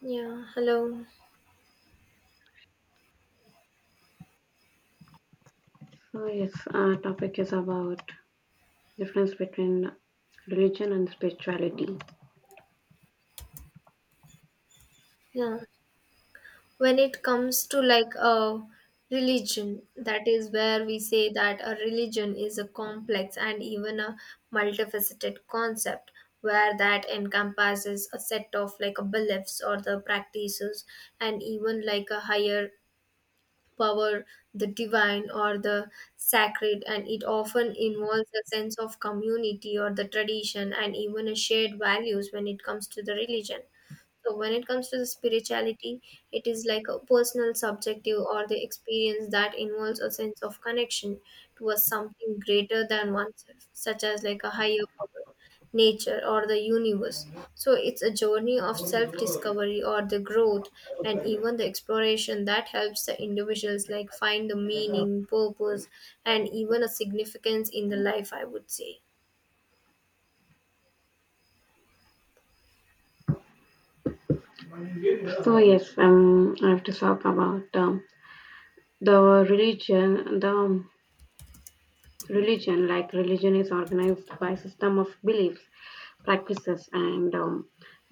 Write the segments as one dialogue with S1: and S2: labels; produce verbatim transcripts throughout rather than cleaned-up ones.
S1: Yeah, hello.
S2: So yes, our topic is about difference between religion and spirituality.
S1: Yeah. When it comes to like a religion, that is where we say that a religion is a complex and even a multifaceted concept where that encompasses a set of like a beliefs or the practices and even like a higher power, the divine or the sacred, and it often involves a sense of community or the tradition and even a shared values when it comes to the religion. So when it comes to the spirituality, it is like a personal, subjective, or the experience that involves a sense of connection towards something greater than oneself, such as like a higher power, nature, or the universe. So it's a journey of self-discovery or the growth and even the exploration that helps the individuals like find the meaning, purpose, and even a significance in the life, I would say.
S2: So yes, um, I have to talk about um, the religion. The religion like religion is organized by system of beliefs practices and um,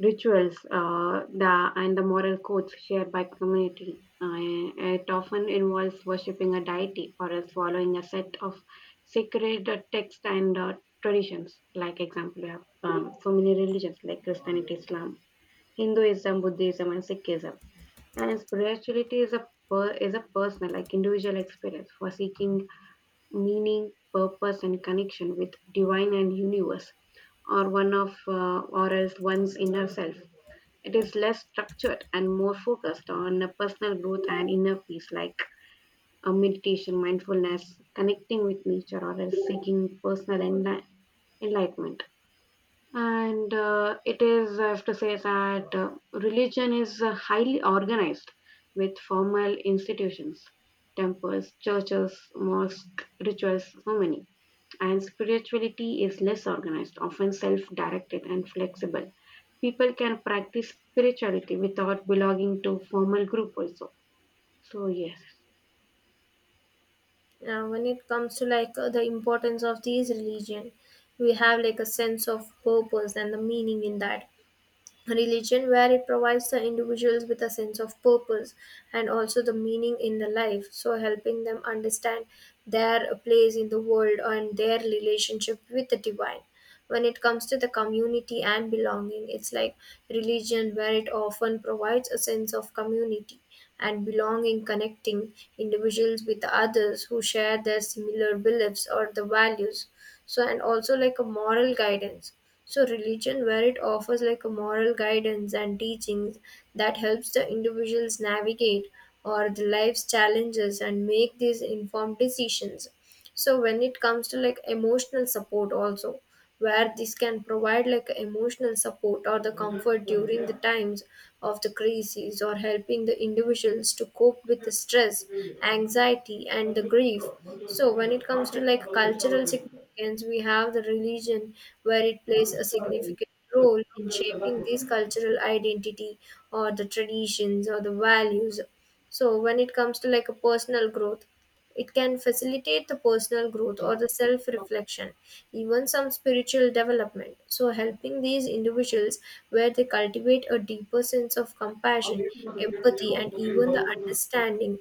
S2: rituals uh, the and the moral codes shared by community, uh, it often involves worshipping a deity or else following a set of sacred uh, text and uh, traditions, like example you have, um, so many religions like Christianity, Islam, Hinduism, Buddhism, and Sikhism. And spirituality is a per, is a personal like individual experience for seeking meaning, purpose, and connection with divine and universe, or one of uh, or else one's inner self. It is less structured and more focused on a personal growth and inner peace, like uh, meditation, mindfulness, connecting with nature, or else seeking personal enli- enlightenment. And uh, it is, I have to say that uh, religion is uh, highly organized with formal institutions, temples, churches, mosques, rituals, so many. And spirituality is less organized, often self-directed and flexible. People can practice spirituality without belonging to formal group also. So yes.
S1: uh, When it comes to like uh, the importance of these religion, we have like a sense of purpose and the meaning in that religion where it provides the individuals with a sense of purpose and also the meaning in the life, so helping them understand their place in the world and their relationship with the divine. When it comes to the community and belonging, it's like religion where it often provides a sense of community and belonging, connecting individuals with the others who share their similar beliefs or the values. So and also like a moral guidance, so religion where it offers like a moral guidance and teachings that helps the individuals navigate or the life's challenges and make these informed decisions. So when it comes to like emotional support also, where this can provide like emotional support or the comfort during the times of the crises, or helping the individuals to cope with the stress, anxiety and the grief. So when it comes to like cultural significance, we have the religion where it plays a significant role in shaping this cultural identity or the traditions or the values. So when it comes to like a personal growth, it can facilitate the personal growth or the self reflection, even some spiritual development. So, helping these individuals where they cultivate a deeper sense of compassion, empathy, and even the understanding.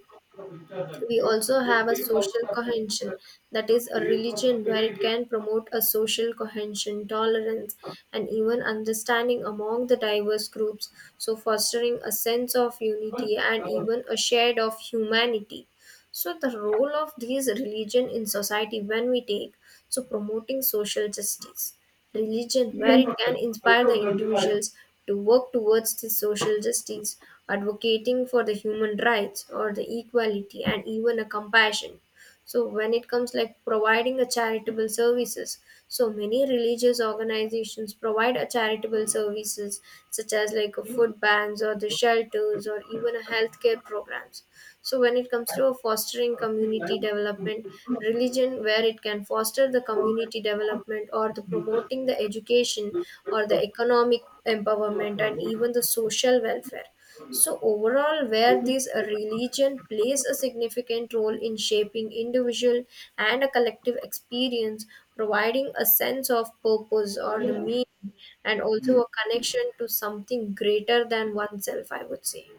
S1: We also have a social cohesion, that is, a religion where it can promote a social cohesion, tolerance, and even understanding among the diverse groups. So, fostering a sense of unity and even a shade of humanity. So the role of these religion in society when we take, so promoting social justice. Religion where it can inspire the individuals to work towards the social justice, advocating for the human rights or the equality and even a compassion. So when it comes like providing a charitable services, so many religious organizations provide a charitable services such as like a food banks or the shelters or even a healthcare programs. So when it comes to fostering community development, religion where it can foster the community development or the promoting the education or the economic empowerment and even the social welfare. So overall where this religion plays a significant role in shaping individual and a collective experience, providing a sense of purpose or the meaning and also a connection to something greater than oneself, I would say.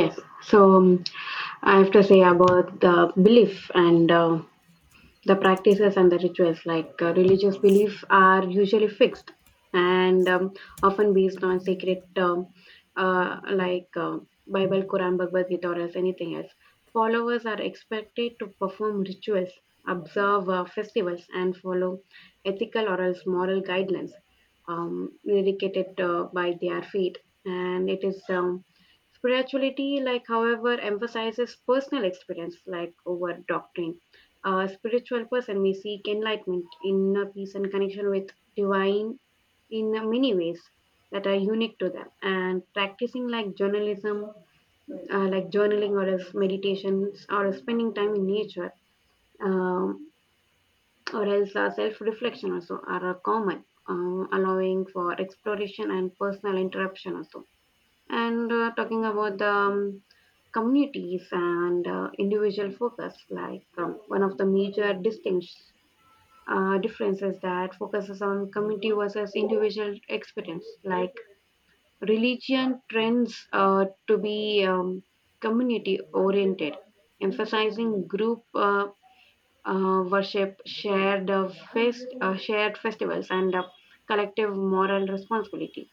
S2: Yes, so, um, I have to say about the belief and, uh, the practices and the rituals, like uh, religious belief are usually fixed and, um, often based on sacred, um, uh, like uh, Bible, Quran, Bhagavad Gita, or as anything else. Followers are expected to perform rituals, observe uh, festivals, and follow ethical or else moral guidelines um, indicated uh, by their faith. And it is, um, spirituality, like, however, emphasizes personal experience like over doctrine. A spiritual person may seek enlightenment, inner peace, and connection with divine in many ways that are unique to them. And practicing like journalism, uh, like journaling, or as meditations, or spending time in nature, um, or else uh, self-reflection also are uh, common, um, allowing for exploration and personal interruption also. And, uh, talking about the, um, communities and, uh, individual focus, like, um, one of the major distinctions uh, differences that focuses on community versus individual experience, like religion trends uh, to be, um, community oriented, emphasizing group, uh, uh, worship, shared, uh, fest, uh, shared festivals, and, uh, collective moral responsibility.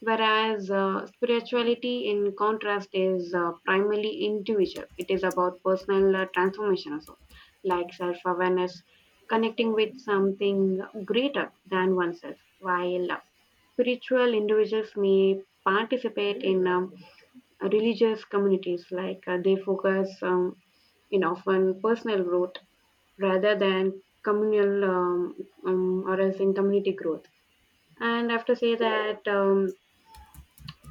S2: Whereas, uh, spirituality, in contrast, is, uh, primarily individual. It is about personal, uh, transformation, also, like self awareness, connecting with something greater than oneself. While, uh, spiritual individuals may participate in, um, religious communities, like, uh, they focus, um, in often personal growth rather than communal, um, um, or else in community growth. And I have to say that, um,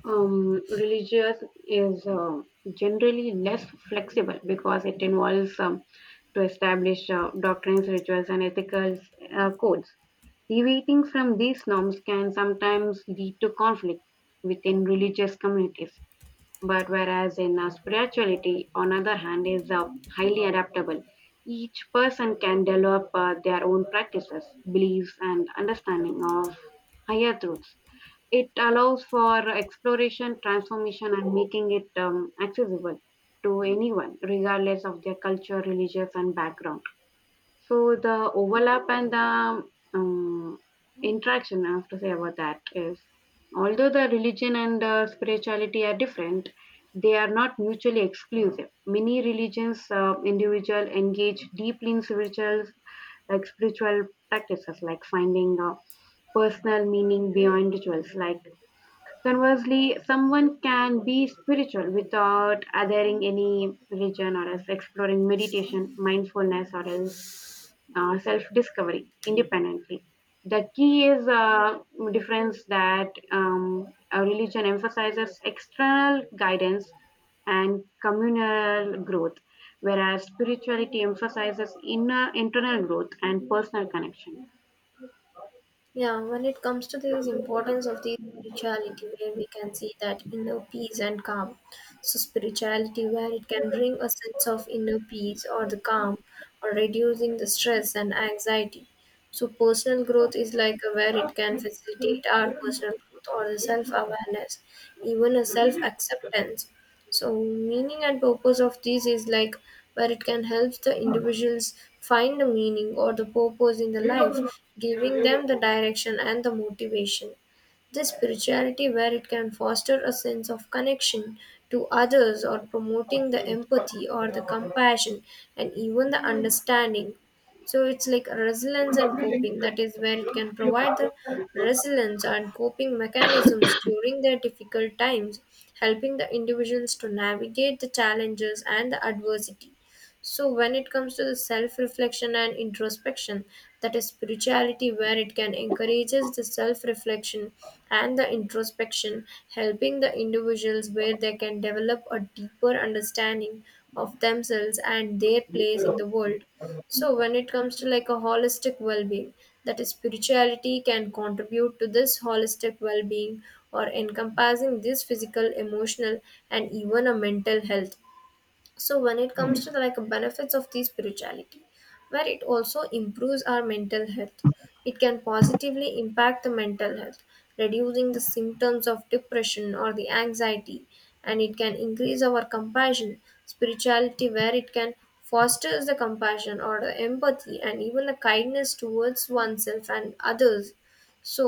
S2: um, religious is, uh, generally less flexible because it involves, um, to establish, uh, doctrines, rituals, and ethical, uh, codes. Deviating from these norms can sometimes lead to conflict within religious communities. But whereas in, uh, spirituality, on other hand, is, uh, highly adaptable. Each person can develop, uh, their own practices, beliefs, and understanding of higher truths. It allows for exploration, transformation, and making it, um, accessible to anyone, regardless of their culture, religious, and background. So the overlap and the, um, interaction I have to say about that is although the religion and, uh, spirituality are different, they are not mutually exclusive. Many religions, uh, individual engage deeply in spiritual, like spiritual practices, like finding, uh, personal meaning beyond rituals, like. Conversely, someone can be spiritual without adhering any religion or else exploring meditation, mindfulness, or else, uh, self-discovery independently. The key is, uh, difference that, um, a religion emphasizes external guidance and communal growth, whereas spirituality emphasizes inner internal growth and personal connection.
S1: Yeah, when it comes to the importance of the spirituality, where we can see that inner peace and calm. So spirituality, where it can bring a sense of inner peace or the calm, or reducing the stress and anxiety. So personal growth is like a- where it can facilitate our personal growth or the self awareness, even a self acceptance. So meaning and purpose of these is like where it can help the individuals find the meaning or the purpose in the life, giving them the direction and the motivation. This spirituality where it can foster a sense of connection to others or promoting the empathy or the compassion and even the understanding. So it's like resilience and coping. That is where it can provide the resilience and coping mechanisms during their difficult times, helping the individuals to navigate the challenges and the adversity. So when it comes to the self-reflection and introspection, that is spirituality where it can encourages the self-reflection and the introspection, helping the individuals where they can develop a deeper understanding of themselves and their place in the world. So when it comes to like a holistic well-being, that is spirituality can contribute to this holistic well-being or encompassing this physical, emotional and even a mental health. So when it comes to the like benefits of the spirituality, where it also improves our mental health, it can positively impact the mental health, reducing the symptoms of depression or the anxiety. And it can increase our compassion, spirituality where it can fosters the compassion or the empathy and even the kindness towards oneself and others. So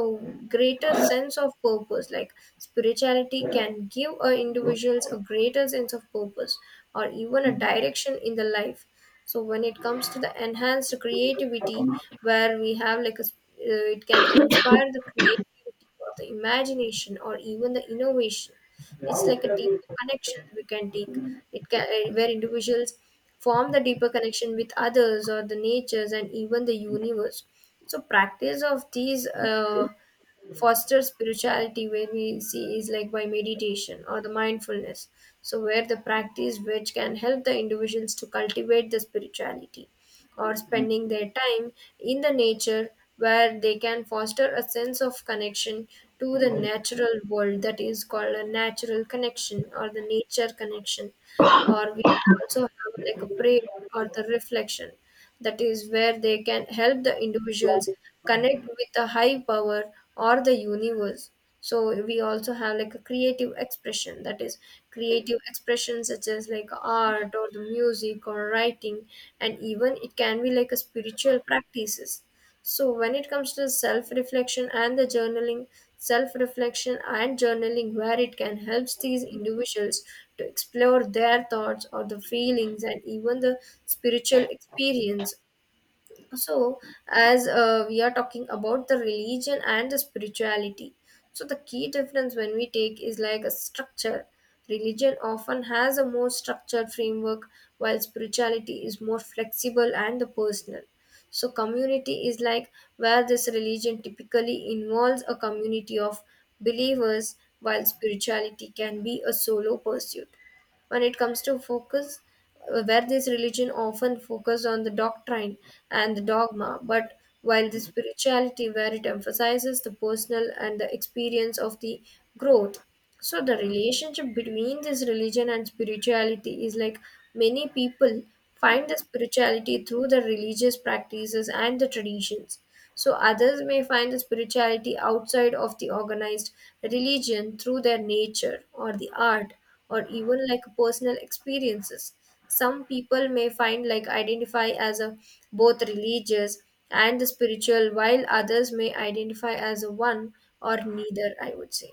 S1: greater sense of purpose, like spirituality can give a individuals a greater sense of purpose or even a direction in the life. So when it comes to the enhanced creativity, where we have like a s- uh, it can inspire the creative of the imagination or even the innovation. It's like a deeper connection we can take. It can, eh, where individuals form the deeper connection with others or the natures and even the universe. So practice of these uh, foster spirituality where we see is like by meditation or the mindfulness. So where the practice which can help the individuals to cultivate the spirituality, or spending their time in the nature where they can foster a sense of connection to the natural world, that is called a natural connection or the nature connection. Or we also have like a prayer or the reflection, that is where they can help the individuals connect with the high power or the universe. So we also have like a creative expression, that is creative expression such as like art or the music or writing, and even it can be like a spiritual practices. So when it comes to self reflection and the journaling, self reflection and journaling where it can help these individuals to explore their thoughts or the feelings and even the spiritual experience. So as uh, we are talking about the religion and the spirituality, so the key difference when we take is like a structure. Religion often has a more structured framework while spirituality is more flexible and the personal. So community is like where this religion typically involves a community of believers, while spirituality can be a solo pursuit. When it comes to focus, uh, where this religion often focus on the doctrine and the dogma, but while the spirituality where it emphasizes the personal and the experience of the growth. So the relationship between this religion and spirituality is like, many people find the spirituality through the religious practices and the traditions. So others may find the spirituality outside of the organized religion through their nature or the art or even like personal experiences. Some people may find like identify as a both religious and the spiritual, while others may identify as a one or neither, I would say.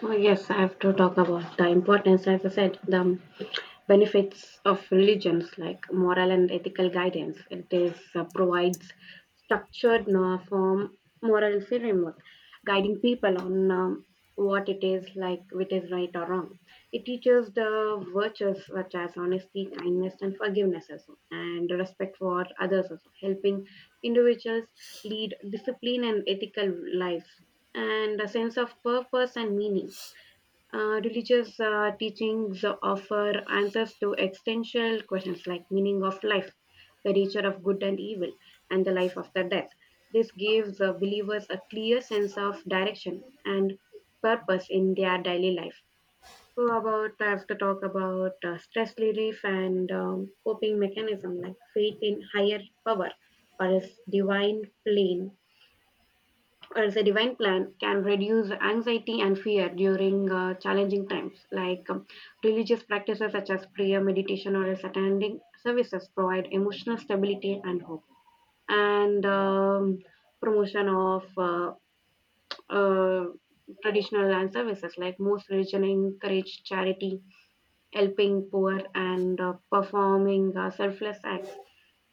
S2: Oh, yes, I have to talk about the importance, as I said, the benefits of religions like moral and ethical guidance. It is, uh, provides structured no, form, moral framework, guiding people on, um, what it is like, which is right or wrong. It teaches the virtues such as honesty, kindness, and forgiveness also, and respect for others also, helping individuals lead discipline and ethical lives and a sense of purpose and meaning. Uh, religious, uh, teachings offer answers to existential questions like meaning of life, the nature of good and evil, and the life after death. This gives, uh, believers a clear sense of direction and purpose in their daily life. So, about I have to talk about, uh, stress relief and, um, coping mechanism, like faith in higher power or a divine plane as a divine plan can reduce anxiety and fear during, uh, challenging times, like, um, religious practices such as prayer, meditation, or else attending services provide emotional stability and hope. And, um, promotion of, uh, uh, traditional land services, like most religion encourage charity, helping poor, and, uh, performing, uh, selfless acts.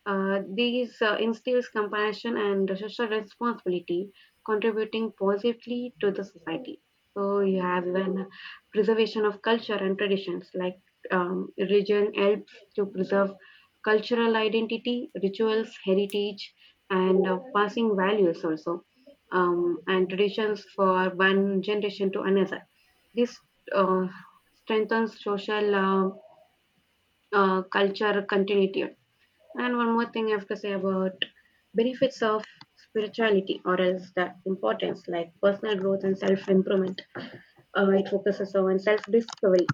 S2: Uh, these, uh, instills compassion and social responsibility, contributing positively to the society. So you have even preservation of culture and traditions, like, um, religion helps to preserve cultural identity, rituals, heritage, and, uh, passing values also, um, and traditions for one generation to another. This, uh, strengthens social, uh, uh, culture continuity. And one more thing I have to say about benefits of spirituality, or else the importance, like personal growth and self improvement. Uh, it focuses on self discovery,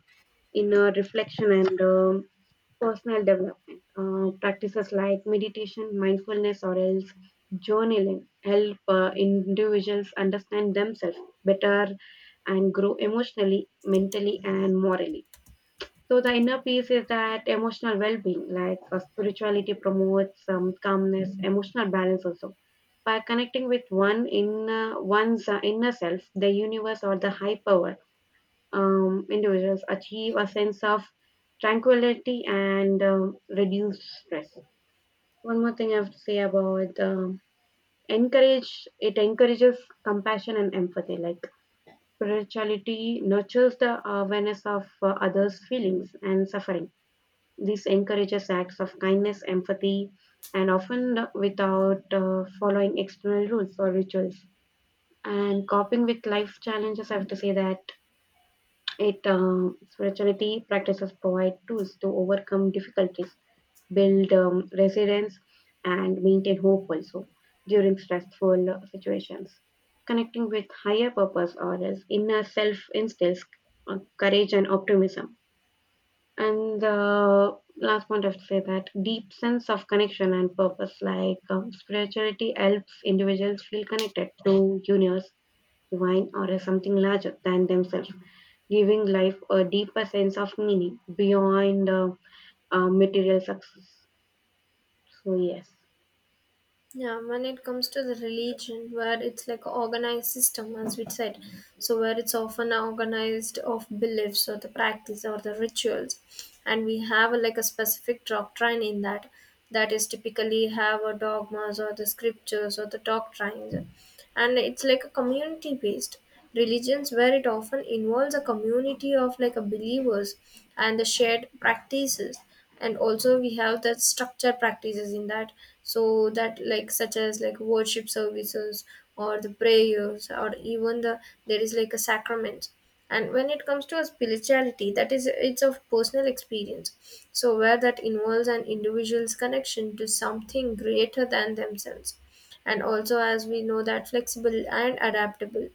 S2: inner reflection, and, um, personal development. Uh, practices like meditation, mindfulness, or else journaling help, uh, individuals understand themselves better and grow emotionally, mentally, and morally. So the inner peace is that emotional well-being, like, uh, spirituality promotes, um, calmness, emotional balance also. By connecting with one inner one's, uh, inner self, the universe or the high power, um, individuals achieve a sense of tranquility and, um, reduce stress. One more thing I have to say about, um, encourage it encourages compassion and empathy, like spirituality nurtures the awareness of, uh, others' feelings and suffering. This encourages acts of kindness, empathy, and often without, uh, following external rules or rituals. And coping with life challenges, I have to say that it uh, spirituality practices provide tools to overcome difficulties, build, um, resilience, and maintain hope also during stressful, uh, situations. Connecting with higher purpose or else inner self instills, uh, courage and optimism. And the last point I have to say that deep sense of connection and purpose, like, um, spirituality helps individuals feel connected to universe, divine, or as something larger than themselves, giving life a deeper sense of meaning beyond, uh, uh, material success. So yes.
S1: Yeah, when it comes to the religion, where it's like an organized system, as we said, so where it's often organized of beliefs or the practice or the rituals, and we have a, like a specific doctrine in that, that is typically have a dogmas or the scriptures or the doctrines, and it's like a community based religions where it often involves a community of like a believers and the shared practices. And also we have that structure practices in that, so that like such as like worship services or the prayers or even the there is like a sacrament. And when it comes to a spirituality, that is it's of personal experience, so where that involves an individual's connection to something greater than themselves. And also as we know that flexible and adaptable,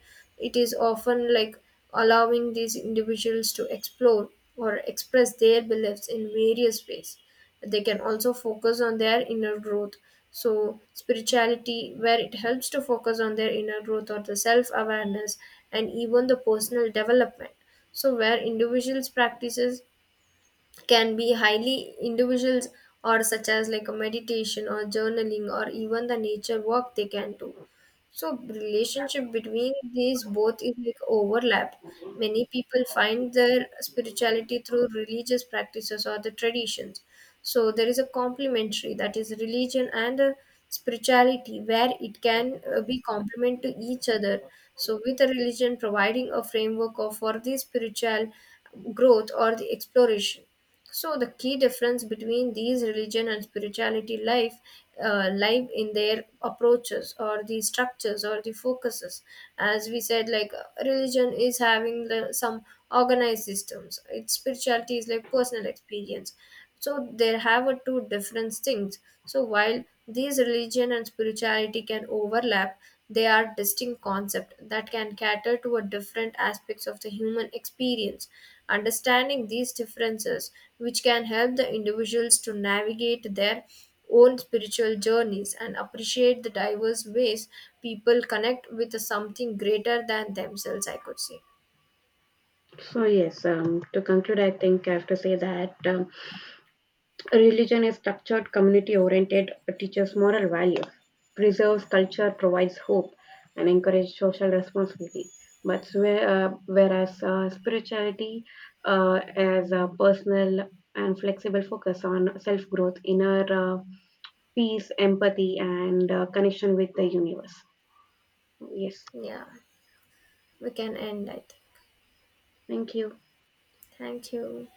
S1: it is often like allowing these individuals to explore or express their beliefs in various ways. They can also focus on their inner growth, so spirituality where it helps to focus on their inner growth or the self awareness and even the personal development. So where individuals practices can be highly individuals, or such as like a meditation or journaling or even the nature work they can do. So relationship between these both is like overlap, many people find their spirituality through religious practices or the traditions. So there is a complementary, that is religion and uh, spirituality where it can uh, be complement to each other, so with a religion providing a framework of for the spiritual growth or the exploration. So the key difference between these religion and spirituality life uh, live in their approaches or the structures or the focuses. As we said, like uh, religion is having the, some organized systems. Its spirituality is like personal experience. So there have a two different things. So while these religion and spirituality can overlap, they are distinct concept that can cater to a different aspects of the human experience. Understanding these differences, which can help the individuals to navigate their own spiritual journeys and appreciate the diverse ways people connect with something greater than themselves, I could say.
S2: So yes. Um, to conclude, I think I have to say that, um, religion is structured, community-oriented, teaches moral values, preserves culture, provides hope, and encourages social responsibility. But where- uh, whereas uh, spirituality, uh, as a personal and flexible focus on self-growth, inner, uh, peace, empathy, and, uh, connection with the universe. Yes,
S1: Yeah, we can end, I think.
S2: thank you.
S1: Thank you.